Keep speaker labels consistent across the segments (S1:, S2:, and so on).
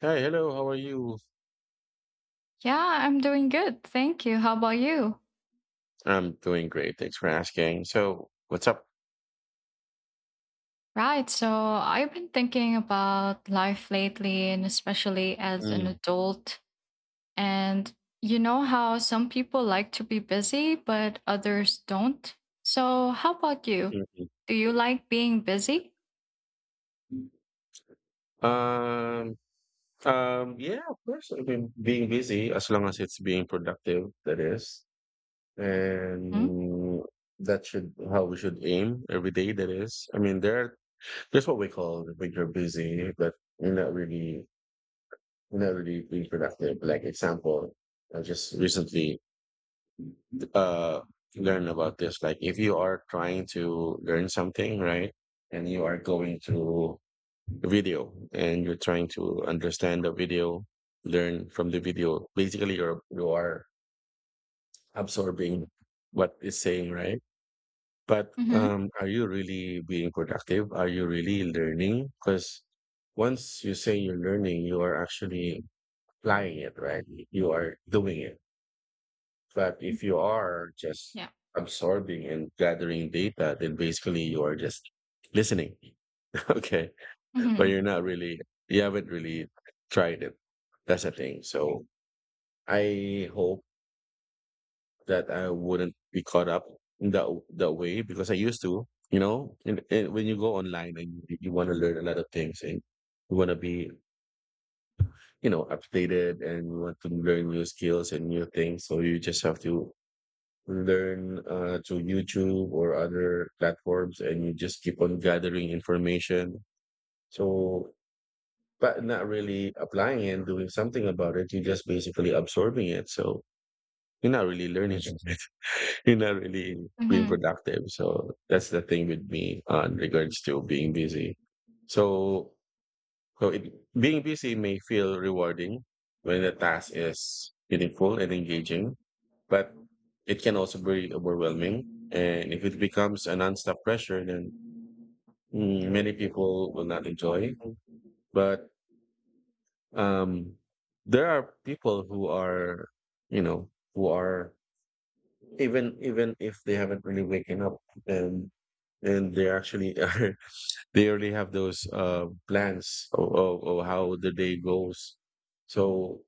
S1: Hi, hello. How are you?
S2: Yeah, I'm doing good. Thank you. How about you?
S1: I'm doing great. Thanks for asking. So, what's up?
S2: Right. So I've been thinking about life lately, and especially as an
S1: Mm,
S2: adult. And you know how some people like to be busy, but others don't. So how about you?
S1: mhm.
S2: Do you like being busy?
S1: Um, yeah, of course. I mean, being busy, as long as it's being productive, that is.
S2: Hmm?
S1: And that should how we should aim every day, that is. I mean, there's what we call when you're busy, but you're not really you're not really being productive. Like example, I just recently uh learn about this, like if you are trying to learn something, right? And you are going through a video and you're trying to understand the video, learn from the video. Basically you are absorbing what it's saying, right? But
S2: Mm-hmm.
S1: are you really being productive? Are you really learning? Because once you say you're learning, you are actually applying it, right? You are doing it. But if you are just
S2: Yeah.
S1: absorbing and gathering data, then basically you are just listening. Okay. But you're
S2: hmm
S1: not really, you haven't really tried it. That's the thing. So I hope that I wouldn't be caught up in that way, because I used to, you know, and, when you go online and you want to learn a lot of things, and you want to be, you know, updated, and you want to learn new skills and new things. So you just have to learn to YouTube or other platforms, and you just keep on gathering information. So, but not really applying and doing something about it. You're just basically absorbing it. So you're not really learning from it. You're not really being
S2: hmm
S1: productive. So that's the thing with me in regards to being busy. So, so it, being busy may feel rewarding when the task is meaningful and engaging, but it can also be overwhelming. And if it becomes a nonstop pressure, then many people will not enjoy. But um, there are people who are, you know, who are even if they haven't really waken up, and they actually are, they already have those plans of, of how the day goes. So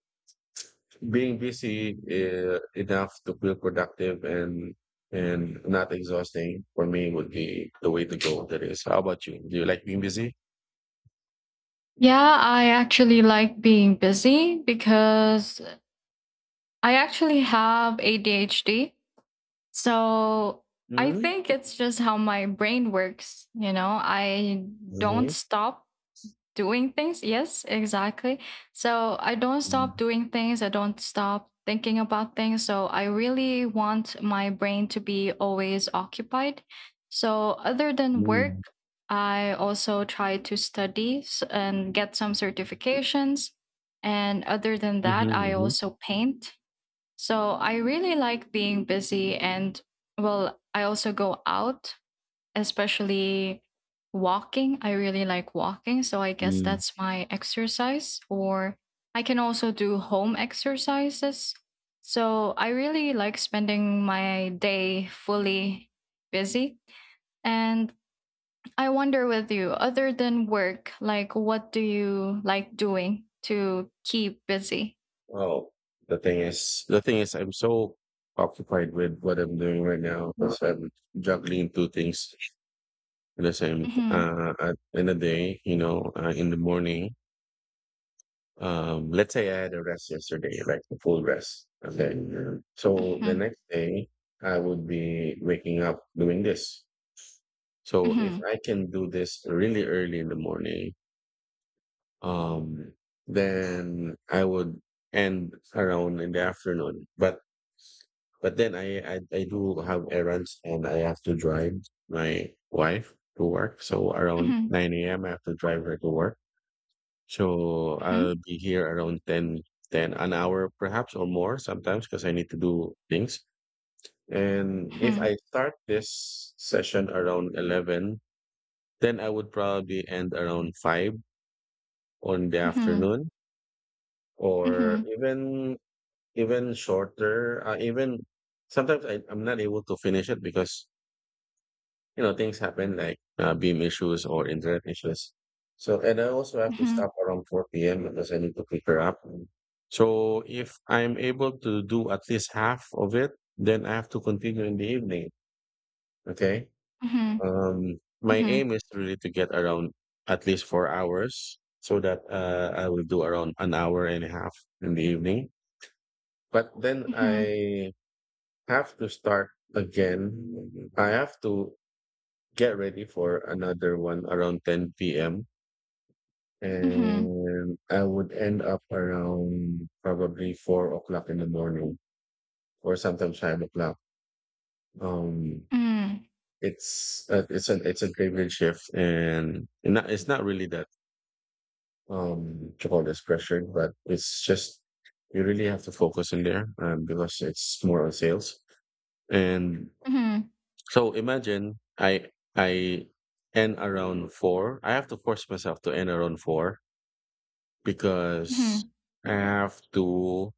S1: being busy enough to feel productive and not exhausting, for me would be the way to go. That is, how about you? Do you like being busy?
S2: Yeah, I actually like being busy because I actually have ADHD. So I
S1: Mm-hmm.
S2: think it's just how my brain works. You know, I don't
S1: Mm-hmm.
S2: stop doing things. Yes, exactly. So I don't stop
S1: Mm-hmm.
S2: doing things. I don't stop thinking about things. So I really want my brain to be always occupied. So other than work,
S1: Mm-hmm.
S2: I also try to study and get some certifications. And other than that, I
S1: Mm-hmm.
S2: also paint, so I really like being busy. And, well, I also go out, especially walking. I really like walking, so I guess
S1: Mm-hmm.
S2: that's my exercise. Or I can also do home exercises. So I really like spending my day fully busy. And I wonder with you, other than work, like what do you like doing to keep busy?
S1: Well, the thing is, I'm so occupied with what I'm doing right now because I'm juggling two things at the
S2: Mhm,
S1: in the day. You know, in the morning. Let's say I had a rest yesterday, like a full rest. Okay, so the
S2: mhm,
S1: next day I would be waking up doing this. So if
S2: mhm,
S1: I can do this really early in the morning, um, then I would end around in the afternoon. But then I do have errands and I have to drive my wife to work. So around
S2: mhm,
S1: 9 a.m. I have to drive her to work. So
S2: mhm.
S1: I'll be here around 10 an hour perhaps, or more sometimes because I need to do things. And if
S2: Mhm,
S1: I start this session around 11, then I would probably end around 5 on the
S2: mhm,
S1: afternoon, or
S2: mhm,
S1: even shorter, even sometimes I'm not able to finish it because, you know, things happen like beam issues or internet issues. So, and I also have to
S2: mhm,
S1: stop around 4 p.m. because I need to pick her up. So if I'm able to do at least half of it, then I have to continue in the evening. Okay.
S2: mhm,
S1: Um, my
S2: mhm,
S1: aim is really to get around at least 4 hours, so that I will do around an hour and a half in the evening. But then
S2: mhm,
S1: I have to start again. I have to get ready for another one around 10 p.m.
S2: mhm,
S1: And I would end up around probably 4 o'clock in the morning, or sometimes 5 o'clock. Um,
S2: Hmm.
S1: it's a graveyard shift and not, it's not really that what you call this, pressured, but it's just you really have to focus in there, because it's more on sales. And
S2: mhm,
S1: so imagine I end around four. I have to force myself to end around four because
S2: mhm,
S1: I have to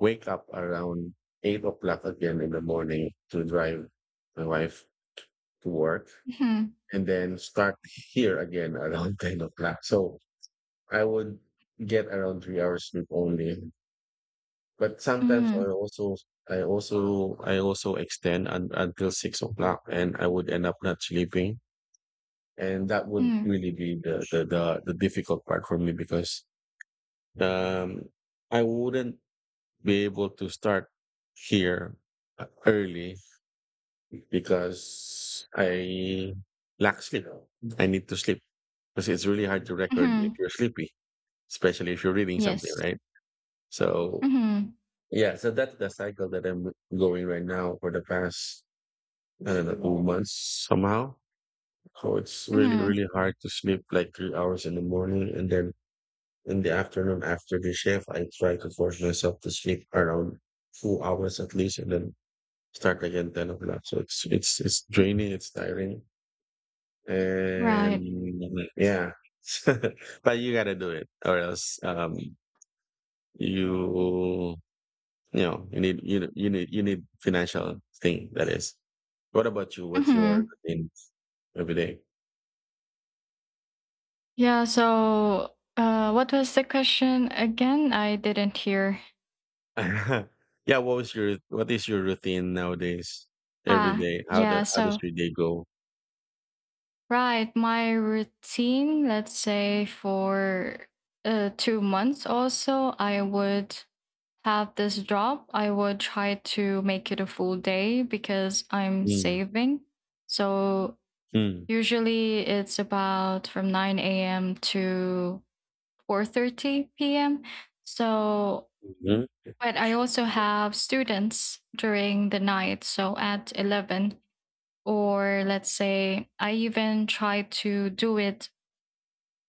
S1: wake up around 8 o'clock again in the morning to drive my wife to work,
S2: mhm,
S1: and then start here again around 10 o'clock. So I would get around 3 hours sleep only. But sometimes I
S2: mm,
S1: also I also extend until 6 o'clock, and I would end up not sleeping. And that would
S2: mm,
S1: really be the difficult part for me because um I wouldn't be able to start here early because I lack sleep. I need to sleep because it's really hard to record if
S2: mhm.
S1: you're sleepy, especially if you're reading something,
S2: Yes.
S1: right? So
S2: Mhm,
S1: yeah, so that's the cycle that I'm going right now for the past, I don't know, 2 months somehow. So it's really,
S2: mhm.
S1: really hard to sleep like 3 hours in the morning, and then in the afternoon after the shift I try to force myself to sleep around 2 hours at least, and then start again 10 o'clock. So it's draining, it's tiring. And
S2: Right.
S1: yeah. But you gotta do it, or else you, you know, you need financial thing, that is. What about you? What's your
S2: Mhm.
S1: routine every day?
S2: Yeah, so what was the question again? I didn't hear.
S1: Yeah, what was your, what is your routine nowadays? Every
S2: Ah,
S1: day.
S2: yeah,
S1: How does
S2: so
S1: your day go?
S2: right, my routine, let's say for 2 months also, I would have this job. I would try to make it a full day because I'm
S1: Mm,
S2: saving. So
S1: mm,
S2: usually it's about from 9 a.m. to 4:30 p.m. So,
S1: mhm.
S2: but I also have students during the night, so at 11, or let's say I even try to do it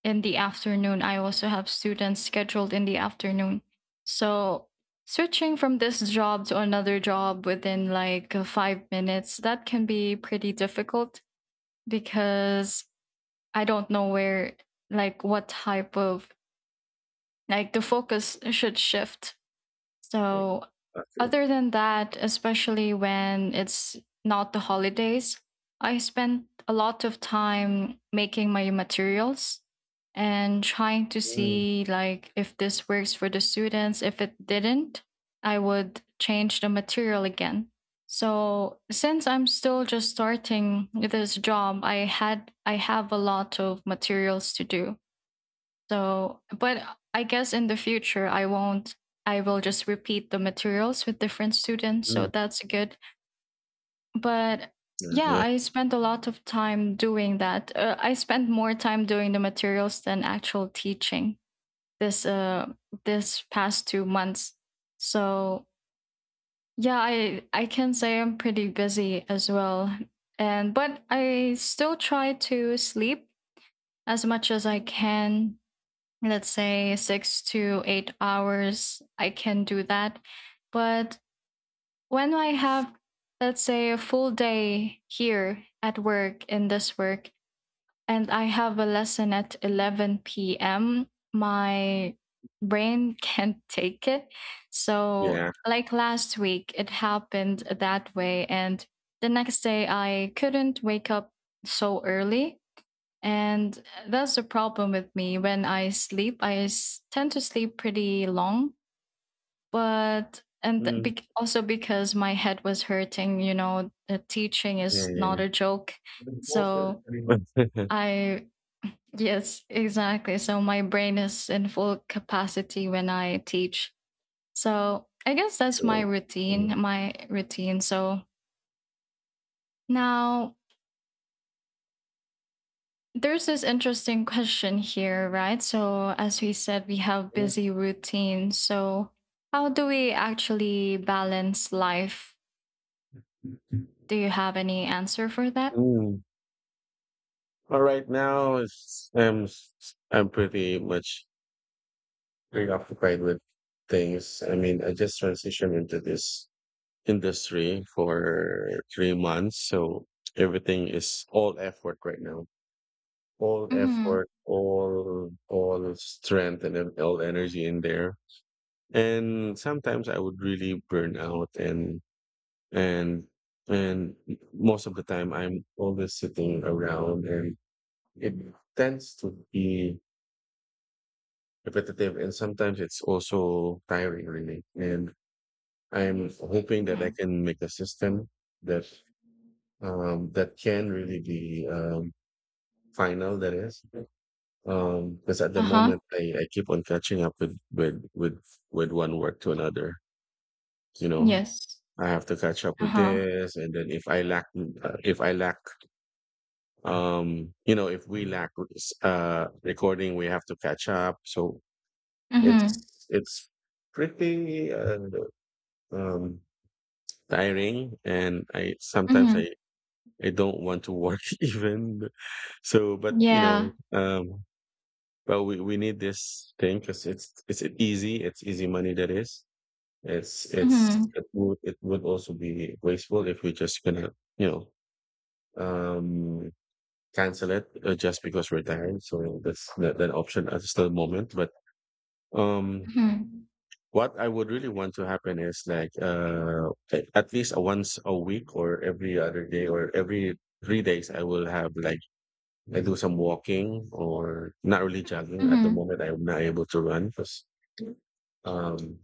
S2: in the afternoon. I also have students scheduled in the afternoon. So switching from this job to another job within like 5 minutes, that can be pretty difficult because I don't know where, like, what type of, like, the focus should shift. So,
S1: Okay.
S2: other than that, especially when it's not the holidays, I spent a lot of time making my materials and trying to
S1: Mm,
S2: see like if this works for the students. If it didn't, I would change the material again. So, since I'm still just starting this job, I have a lot of materials to do. So, but I guess in the future, I won't, I will just repeat the materials with different students.
S1: mm,
S2: So
S1: mm.
S2: that's good. But
S1: Yeah.
S2: yeah,
S1: Yeah.
S2: I spent a lot of time doing that. I spent more time doing the materials than actual teaching this uh this past 2 months. So, yeah, I can say I'm pretty busy as well. And but I still try to sleep as much as I can, let's say 6 to 8 hours, I can do that. But when I have, let's say, a full day here at work in this work, and I have a lesson at 11 p.m., my brain can't take it. So,
S1: Yeah.
S2: like last week, it happened that way. And the next day, I couldn't wake up so early, and that's the problem with me. When I sleep, I tend to sleep pretty long, but and
S1: Mm.
S2: also because my head was hurting, you know, the teaching is not
S1: Yeah.
S2: a joke. So I, yes, exactly. So my brain is in full capacity when I teach. So I guess that's my
S1: Mm,
S2: routine, my routine. So now there's this interesting question here, right? So, as we said, we have busy routines. So, how do we actually balance life? Do you have any answer for that?
S1: mm. But right now, I'm pretty much preoccupied with things. I mean, I just transitioned into this industry for 3 months, so everything is all effort right now. All
S2: Mm-hmm.
S1: effort, all strength, and then all energy in there. And sometimes I would really burn out, and and most of the time I'm always sitting around, and it tends to be repetitive, and sometimes it's also tiring really. And I'm hoping that I
S2: Mm-hmm.
S1: can make a system that that can really be final, that is, because at the
S2: Uh huh.
S1: moment I keep on catching up with with one work to another, you know.
S2: Yes.
S1: I have to catch up
S2: Uh
S1: with
S2: huh.
S1: this, and then if I lack if I lack, you know, if we lack recording, we have to catch up. So
S2: Mm-hmm.
S1: it's pretty um tiring, and I sometimes
S2: Mm-hmm.
S1: I don't want to work even. So but you know,
S2: Yeah.
S1: um well, we need this thing because it's easy, it's easy money, that is.
S2: Mm-hmm.
S1: It would, it would also be wasteful if we just gonna, you know, um cancel it just because we're tired. So that's that, that option at the moment. But um,
S2: Mm-hmm.
S1: what I would really want to happen is like, at least a once a week, or every other day, or every 3 days, I will have like I do some walking, or not really jogging. At the
S2: Mm-hmm.
S1: moment, I'm not able to run because um,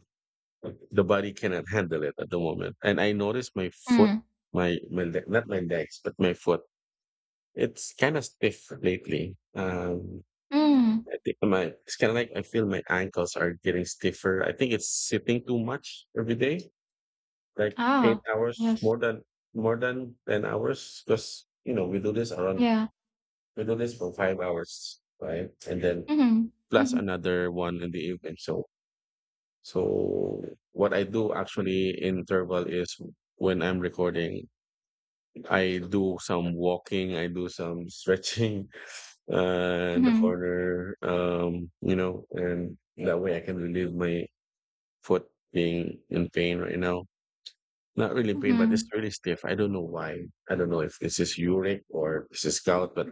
S1: the body cannot handle it at the moment. And I noticed my foot,
S2: Mm-hmm.
S1: my leg, not my legs, but my foot. It's kind of stiff lately.
S2: Mm-hmm.
S1: I think my it's kind of like I feel my ankles are getting stiffer. I think it's sitting too much every day, like eight
S2: Ah.
S1: hours
S2: Yes.
S1: more than 10 hours. Because you know
S2: Yeah.
S1: we do this for 5 hours, right? And then
S2: Mm-hmm.
S1: plus
S2: Mm-hmm.
S1: another one in the evening. So so what I do actually in interval is, when I'm recording, I do some walking, I do some stretching, in the
S2: Mm-hmm.
S1: corner, you know, and that way I can relieve my foot being in pain right now. Not really pain, but it's
S2: Mm-hmm.
S1: really stiff. I don't know why. I don't know if this is uric or this is gout, but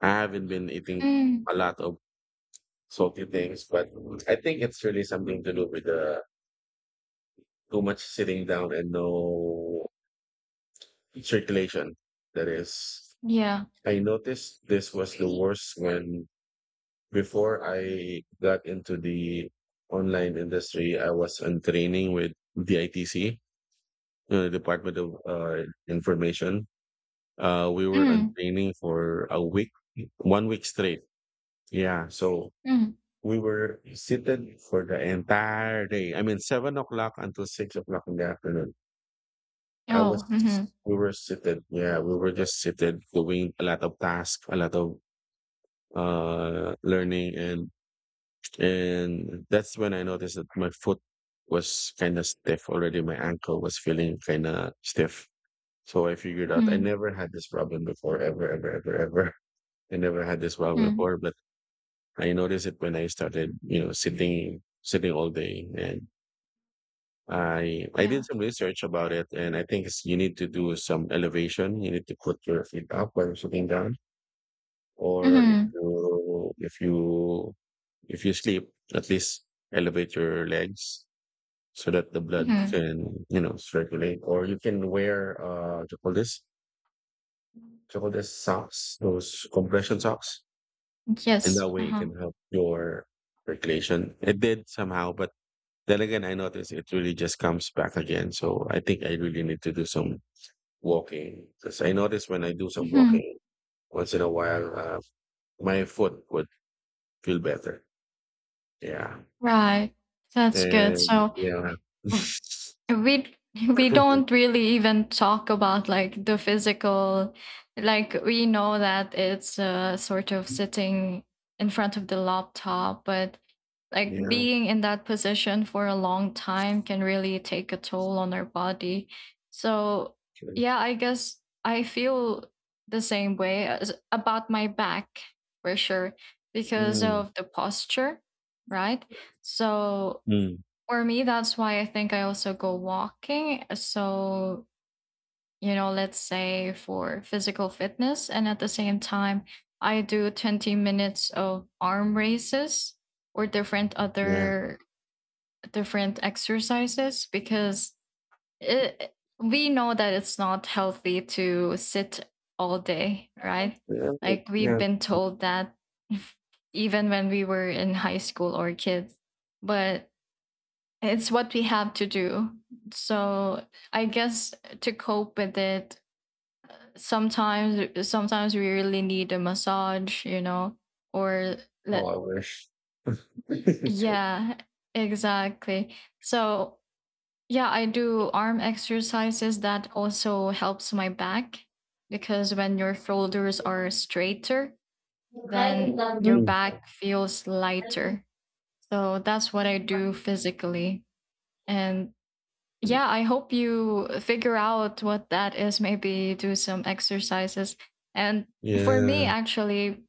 S1: I haven't been eating
S2: Mm.
S1: a lot of salty things. But I think it's really something to do with the too much sitting down and no circulation. That is,
S2: Yeah.
S1: I noticed this was the worst when, before I got into the online industry, I was in training with the ITC, the Department of Information. We were on
S2: Mm.
S1: training for a week, 1 week straight. Yeah. So
S2: Mm.
S1: we were seated for the entire day. I mean, 7 o'clock until 6 o'clock in the afternoon. I
S2: Oh. Mm-hmm.
S1: was, we were seated. Yeah. We were just seated doing a lot of tasks, a lot of learning. And that's when I noticed that my foot was kind of stiff already. My ankle was feeling kind of stiff. So I figured out I
S2: Mm-hmm.
S1: never had this problem before, ever, ever, ever, ever. I never had this problem
S2: Mhm.
S1: before, but I noticed it when I started, sitting all day. And I did
S2: Yeah.
S1: some research about it. And I think it's, you need to do some elevation. You need to put your feet up while you're sitting down. Or
S2: Mhm.
S1: if you sleep, at least elevate your legs so that the blood
S2: Mhm.
S1: can, you know, circulate, or you can wear, what you call this, what you call this, socks, those compression socks, and that
S2: Yes.
S1: way it can
S2: Uh-huh.
S1: help your circulation. It did somehow, but then again, I noticed it really just comes back again. So I think I really need to do some walking, because I noticed when I do some
S2: Mhm.
S1: walking once in a while, my foot would feel better. Yeah.
S2: Right. That's good.
S1: And
S2: So
S1: yeah.
S2: we we don't really even talk about like the physical, like we know that it's sort of sitting in front of the laptop, but like
S1: Yeah,
S2: being in that position for a long time can really take a toll on our body. So
S1: okay.
S2: yeah, I guess I feel the same way as about my back, for sure, because
S1: mm,
S2: of the posture, right? So
S1: mm,
S2: for me, that's why I think I also go walking. So, you know, let's say for physical fitness. And at the same time, I do 20 minutes of arm raises or different
S1: yeah.
S2: other different exercises because it, we know that it's not healthy to sit all day, right?
S1: Yeah,
S2: Like we've
S1: yeah.
S2: been told that even when we were in high school or kids. But it's what we have to do. So I guess to cope with it, sometimes we really need a massage, you know, or
S1: Oh,
S2: let,
S1: I wish.
S2: yeah, exactly. So yeah, I do arm exercises that also helps my back because when your shoulders are straighter, then your
S1: Mm.
S2: back feels lighter. So that's what I do physically. And yeah,
S1: Mm.
S2: I hope you figure out what that is, maybe do some exercises. And for me
S1: Yeah.
S2: actually,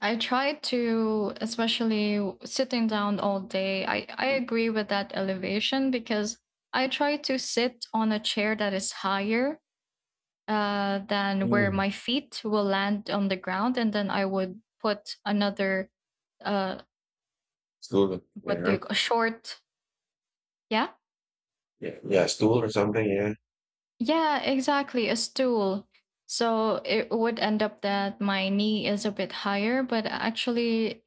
S2: I try to, especially sitting down all day, I agree with that elevation because I try to sit on a chair that is higher than where
S1: Mm.
S2: my feet will land on the ground, and then I would put another uh,
S1: Stool.
S2: what do
S1: Yeah.
S2: you, a short, yeah.
S1: Yeah. Yeah. Stool or something. Yeah.
S2: Yeah, exactly. A stool. So it would end up that my knee is a bit higher, but actually,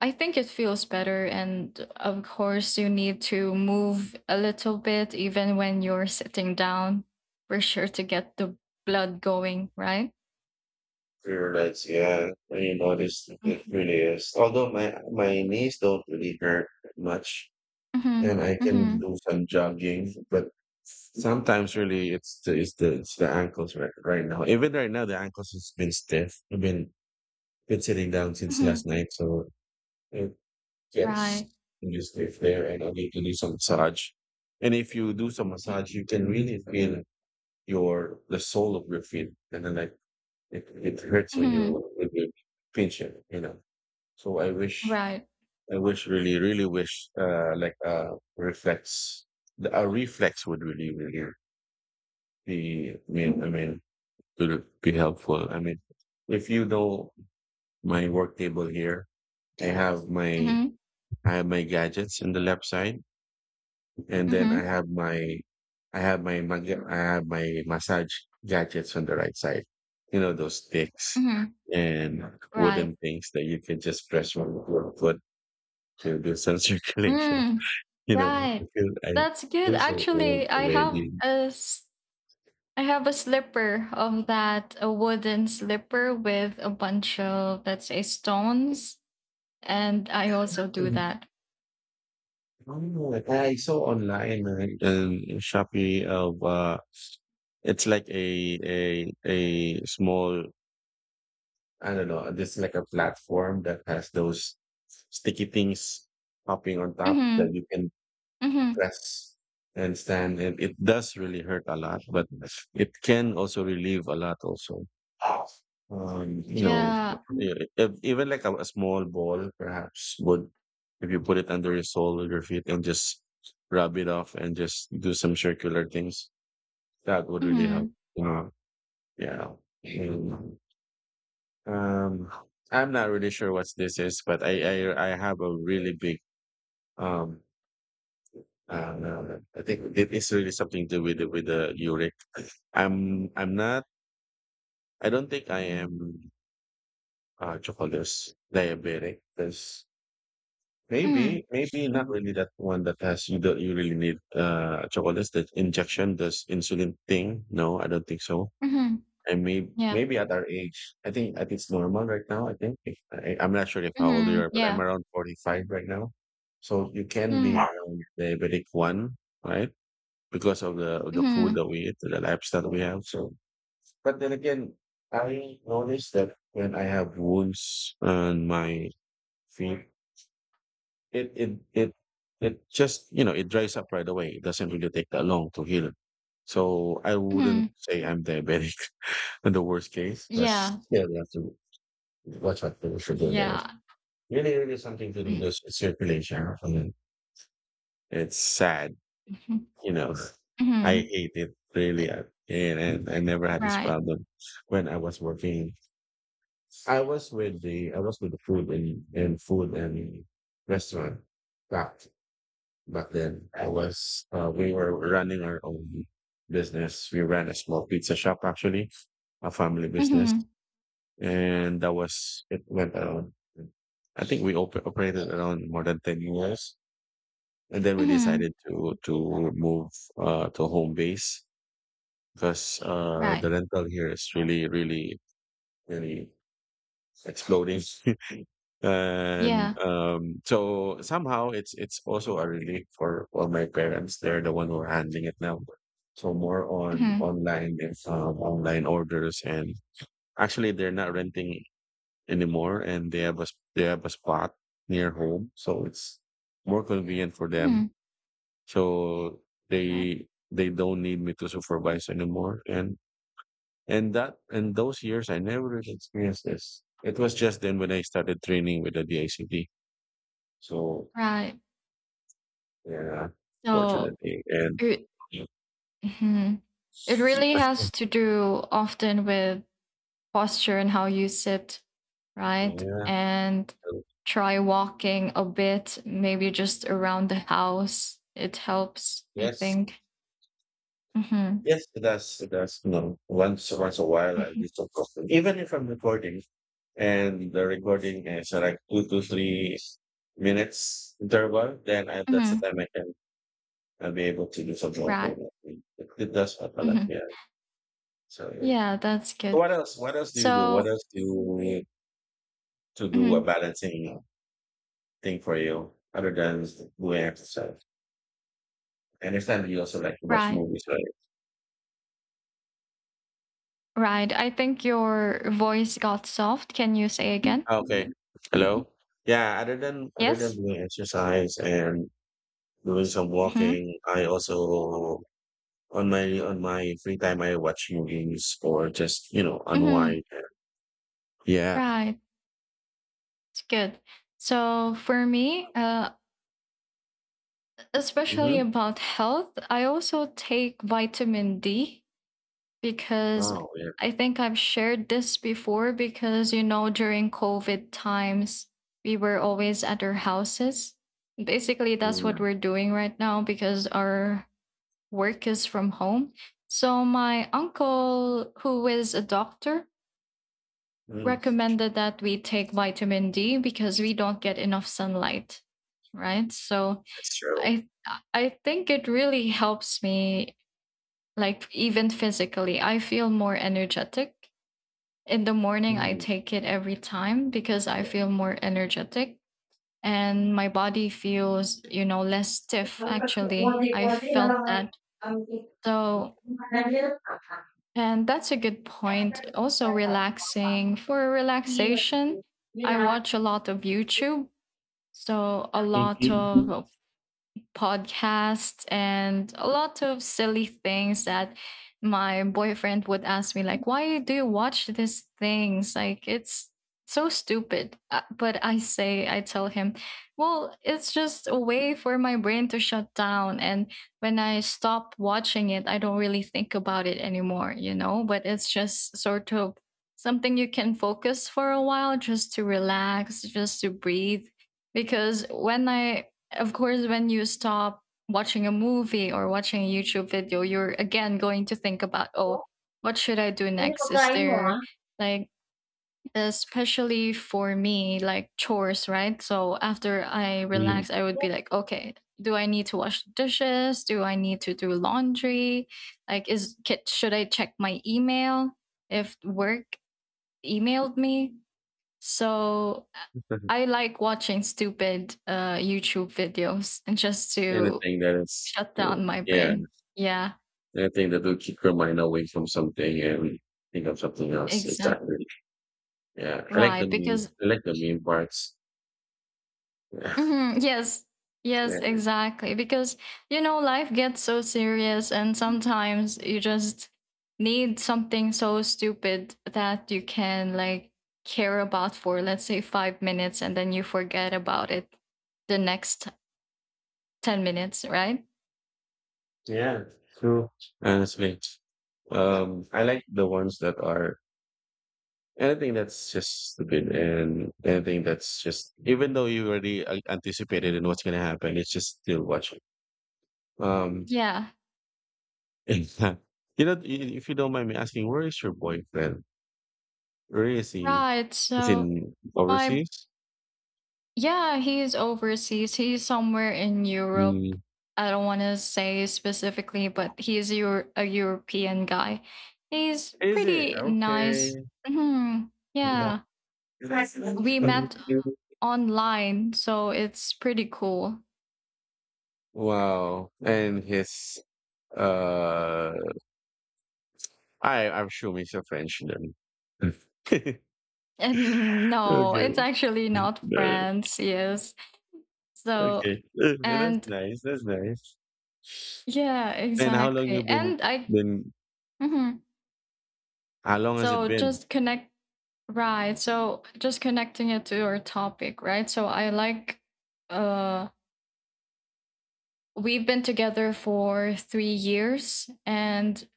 S2: I think it feels better. And of course, you need to move a little bit, even when you're sitting down, for sure to get the blood going, right?
S1: For your legs. Yeah. When you notice, it
S2: Mhm.
S1: really is. Although my knees don't really hurt much,
S2: Mhm.
S1: and I can
S2: Mhm.
S1: do some jogging, but sometimes really it's the ankles right right now. Even right now, the ankles has been stiff. I've been sitting down since last
S2: Mhm.
S1: night, so it. Yes,
S2: Right.
S1: you just live there and you need to do some massage. And if you do some massage, you can really feel your the sole of your feet, and then like it hurts when you
S2: Mhm.
S1: when you pinch it, you know. So
S2: Right.
S1: I wish really, really wish, like reflex, a reflex would really, really be. Would be helpful. I mean, if you know my work table here, I have my
S2: Mhm.
S1: I have my gadgets in the left side, and then I
S2: Mhm.
S1: have my I have my massage gadgets on the right side. You know, those sticks
S2: Mhm.
S1: and
S2: Right.
S1: wooden things that you can just press with your foot to do some circulation.
S2: Mm.
S1: You know, I
S2: Right.
S1: feel I
S2: That's good.
S1: feel so old
S2: Actually,
S1: already.
S2: I have a slipper of that, a wooden slipper with a bunch of, let's say, stones. And I also do
S1: Mm.
S2: that.
S1: Oh, I saw online, in Shopee, of it's like a small, I don't know, this like a platform that has those sticky things popping on top that
S2: Mm-hmm.
S1: you can
S2: Mm-hmm.
S1: press and stand. And it does really hurt a lot, but it can also relieve a lot also. You know,
S2: Yeah.
S1: e- even like a small ball perhaps would, if you put it under your sole of your feet and just rub it off and just do some circular things, that would really
S2: Mm-hmm.
S1: help. Uh, yeah. Mm. Um, I'm not really sure what this is, but I have a really big um. No, no, I think it is really something to do with with the uric. I'm not. I don't think I am, chocolate, diabetic. Because
S2: Mm-hmm.
S1: maybe not really that one that has you that you really need, chocolate, that injection, this insulin thing. No, I don't think so.
S2: Mm-hmm.
S1: And maybe
S2: Yeah.
S1: maybe at our age, I think it's normal right now. I think I'm not sure if how old you
S2: Mm-hmm.
S1: are, but I'm
S2: Yeah.
S1: around 45 right now. So you can be
S2: Mm-hmm.
S1: around diabetic one, right? Because of the food
S2: Mm-hmm.
S1: that we eat, the lifestyle we have. So, but then again, I noticed that when I have wounds on my feet, it it it it just, you know, it dries up right away. It doesn't really take that long to heal. So I wouldn't
S2: Mm-hmm.
S1: say I'm diabetic in the worst case. But
S2: Yeah.
S1: yeah, we have to watch out for the sugar.
S2: Yeah.
S1: Really, really something to do with this circulation. I mean, it's sad,
S2: Mm-hmm.
S1: you know. I
S2: Mm-hmm.
S1: hate it really. And I never had this
S2: Right.
S1: problem when I was working. I was with the food and restaurant back back then. I was, we were running our own business. We ran a small pizza shop actually, a family business,
S2: Mm-hmm.
S1: and that was it went around. I think we operated around more than 10 years, and then we
S2: Mm-hmm.
S1: decided to move, to home base, because the
S2: Right.
S1: rental here is really really exploding, and
S2: Yeah.
S1: so somehow it's also a relief for all my parents. They're the one who are handling it now, so more on
S2: Mm-hmm.
S1: online and, online orders and. Actually, they're not renting anymore, and they have they have a spot near home, so it's more convenient for them.
S2: Mm-hmm.
S1: So
S2: Right.
S1: they don't need me to supervise anymore, and that and those years I never really experienced this. It was just then when I started training with the DICD. So
S2: Right.
S1: yeah,
S2: So
S1: fortunately, and yeah.
S2: hmm it really has to do often with posture and how you sit, right?
S1: Yeah,
S2: And
S1: so,
S2: try walking a bit, maybe just around the house. It helps, I
S1: yes.
S2: think. hmm
S1: Yes, it does. It does. No, once once a while I do
S2: hmm
S1: some often. Even if I'm recording and the recording is, like 2 to 3 minutes interval, then that's the
S2: hmm
S1: time I can, I'll be able to do some like.
S2: Right.
S1: It, it does happen like,
S2: hmm
S1: yeah. So yeah.
S2: Yeah, that's
S1: So
S2: good.
S1: what else? What else do you do? What
S2: So,
S1: else do you need to do a
S2: mhm,
S1: balancing thing for you, other than doing exercise? And if time, you also like to watch
S2: right,
S1: movies, right?
S2: right. I think your voice got soft. Can you say again?
S1: Okay. Hello? Yeah, other than
S2: Yes.
S1: doing exercise and doing some
S2: hmm
S1: walking. I also, on my free time, I watch movies or just, you know,
S2: hmm
S1: unwind. Yeah.
S2: Right. It's good. So for me, especially
S1: Mm-hmm.
S2: about health, I also take vitamin D because
S1: Oh yeah.
S2: I think I've shared this before because, you know, during COVID times, we were always at our houses. Basically, that's what
S1: Mm,
S2: we're doing right now because our work is from home. So, my uncle, who is a doctor,
S1: mm,
S2: recommended that we take vitamin D because we don't get enough sunlight, right? So,
S1: that's true.
S2: I I think it really helps me, like even physically. I feel more energetic. In the morning I
S1: Mm.
S2: take it every time because I feel more energetic and my body feels, you know, less stiff actually. I
S1: Mhm.
S2: felt
S1: Mm.
S2: that. So, and that's a good point. Also relaxing, for relaxation. I watch a lot of YouTube. So a lot of podcasts and a lot of silly things that my boyfriend would ask me, like why do you watch these things, like it's so stupid. But I say, I tell him, well, it's just a way for my brain to shut down. And when I stop watching it, I don't really think about it anymore, you know, but it's just sort of something you can focus for a while, just to relax, just to breathe. Because when I of course, when you stop watching a movie or watching a YouTube video, you're again going to think about, oh, what should I do next? Is there like, especially for me, like chores, right? So after I relax, I would be like, okay, do I need to wash dishes? Do I need to do laundry? Like, should I check my email if work emailed me? So I like watching stupid YouTube videos, and just to
S1: Anything that is.
S2: shut down my
S1: Yeah.
S2: brain. Yeah,
S1: Anything that will keep your mind away from something and think of something else.
S2: exactly.
S1: Exactly. Yeah. I like the
S2: Right.
S1: meme. I like the meme parts. Yeah.
S2: Yes, yes,
S1: Yeah.
S2: exactly. Because, you know, life gets so serious, and sometimes you just need something so stupid that you can, like, care about for, let's say, 5 minutes, and then you forget about it the next 10 minutes, right?
S1: Yeah. True. Honestly. I like the ones that are anything that's just stupid, and anything that's just, even though you already, anticipated in what's going to happen, it's just still watching. Um,
S2: Yeah,
S1: you know, if you don't mind me asking, where is your boyfriend? Where is he?
S2: right.
S1: Is he
S2: So
S1: in
S2: my
S1: overseas?
S2: yeah, he's overseas. He's somewhere in Europe.
S1: Hmm.
S2: I don't want to say specifically, but he's a European guy. He's
S1: Is it?
S2: pretty nice.
S1: Okay.
S2: hmm
S1: Yeah.
S2: Yeah. We met online, so it's pretty cool.
S1: Wow. And his, uh I'm sure he's a Frenchman.
S2: And no,
S1: Okay.
S2: it's actually not
S1: No,
S2: France, yes. So
S1: okay. That's
S2: and
S1: nice. That's nice.
S2: yeah,
S1: And how long you
S2: exactly.
S1: been
S2: And I,
S1: been
S2: mhm.
S1: how long has it
S2: so
S1: been?
S2: just connect right. So just connecting it to our topic, right? So I like, uh we've been together for 3 years, and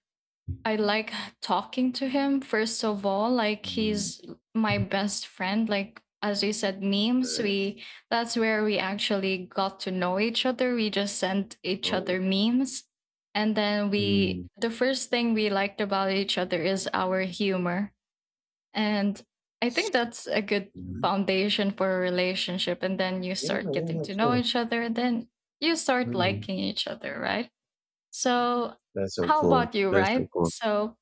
S2: I like talking to him, first of all. Like,
S1: Mm,
S2: he's my best friend, like as you said, memes,
S1: nice.
S2: we that's where we actually got to know each other. We just sent each
S1: Oh.
S2: other memes, and then we
S1: Mm.
S2: the first thing we liked about each other is our humor. And I think that's a good
S1: Mm.
S2: foundation for a relationship. And then you
S1: Yeah,
S2: start getting
S1: yeah,
S2: to know
S1: sure.
S2: each other, and then you start
S1: Mm.
S2: liking each other, right? So,
S1: That's so
S2: how
S1: cool.
S2: about you,
S1: That's so
S2: right?
S1: cool.
S2: So,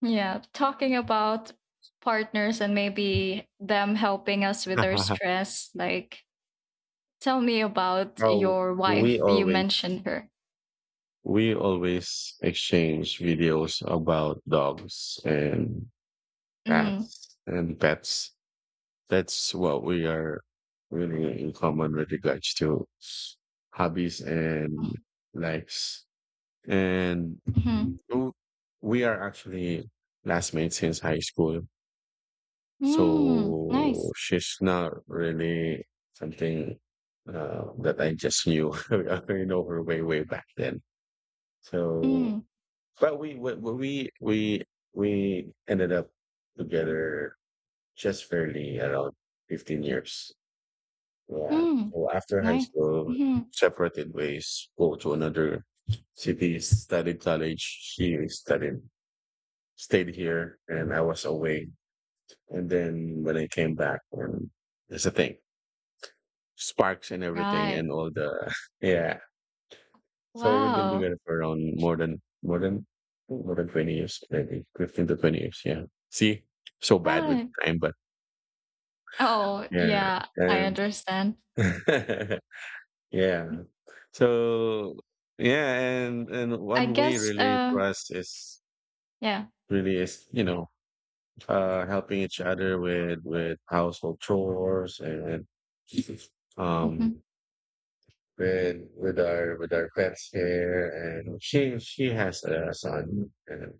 S2: yeah, talking about partners and maybe them helping us with our stress. Like, tell me about
S1: Oh,
S2: your
S1: we
S2: wife. You
S1: always
S2: mentioned her.
S1: we always exchange videos about dogs and
S2: Mm.
S1: cats and pets. That's what we are really in common with regards to hobbies and likes. And
S2: Mm-hmm.
S1: w- we are actually classmates since high school.
S2: Mm.
S1: So
S2: Nice.
S1: she's not really something, that I just knew. I already know her way, way back then. So.
S2: Mm.
S1: But we ended up together just fairly around 15 years. Yeah.
S2: Mm.
S1: So after high
S2: Nice.
S1: school,
S2: hmm
S1: separated ways, go to another city, studied college. She studied, stayed here, and I was away. And then when I came back, and that's the thing, sparks and everything,
S2: Right.
S1: and all the, yeah. So we've been doing
S2: Wow.
S1: it for around more than 20 years, maybe 15 to 20 years. Yeah. See, so bad with
S2: Right.
S1: time, but
S2: Oh,
S1: yeah.
S2: yeah, I
S1: And
S2: understand.
S1: yeah. So yeah, and
S2: I
S1: one way
S2: guess,
S1: really for us is
S2: yeah.
S1: really is, you know, helping each other with household chores and, um
S2: hmm
S1: with our pets here, and she has a son. And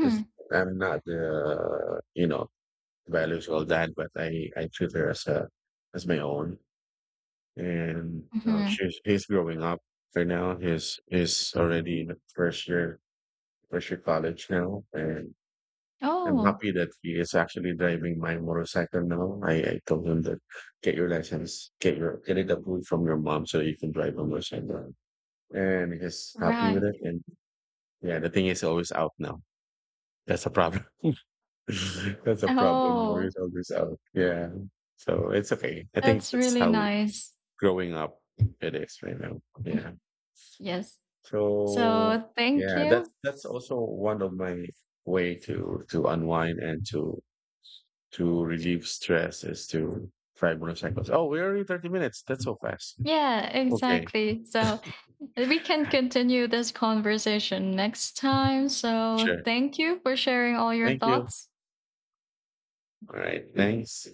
S1: it's, I'm not the, you know, values all that, but I treat her as a, as my own. And,
S2: hmm
S1: she's he's growing up right now. He's already in the first year, college now, and I'm
S2: Oh,
S1: happy that he is actually driving my motorcycle now. I told him that get your license, get your get it approved from your mom so you can drive a motorcycle, and he's happy
S2: right.
S1: with it. And yeah, the thing is always out now. That's a problem. That's a problem, no, you
S2: Oh,
S1: always out. Yeah. So it's okay. I think
S2: that's
S1: that's
S2: really
S1: how
S2: nice.
S1: growing up it is right now. Yeah.
S2: Mhm. Yes.
S1: So
S2: So thank
S1: yeah,
S2: you.
S1: that's also one of my way to unwind and to relieve stress is to five motorcycles. Oh, we're already 30 minutes. That's so fast.
S2: Yeah,
S1: Okay,
S2: exactly. So we can continue this conversation next time. So
S1: sure.
S2: thank you for sharing all your
S1: Thank you.
S2: thoughts.
S1: All right. Thanks.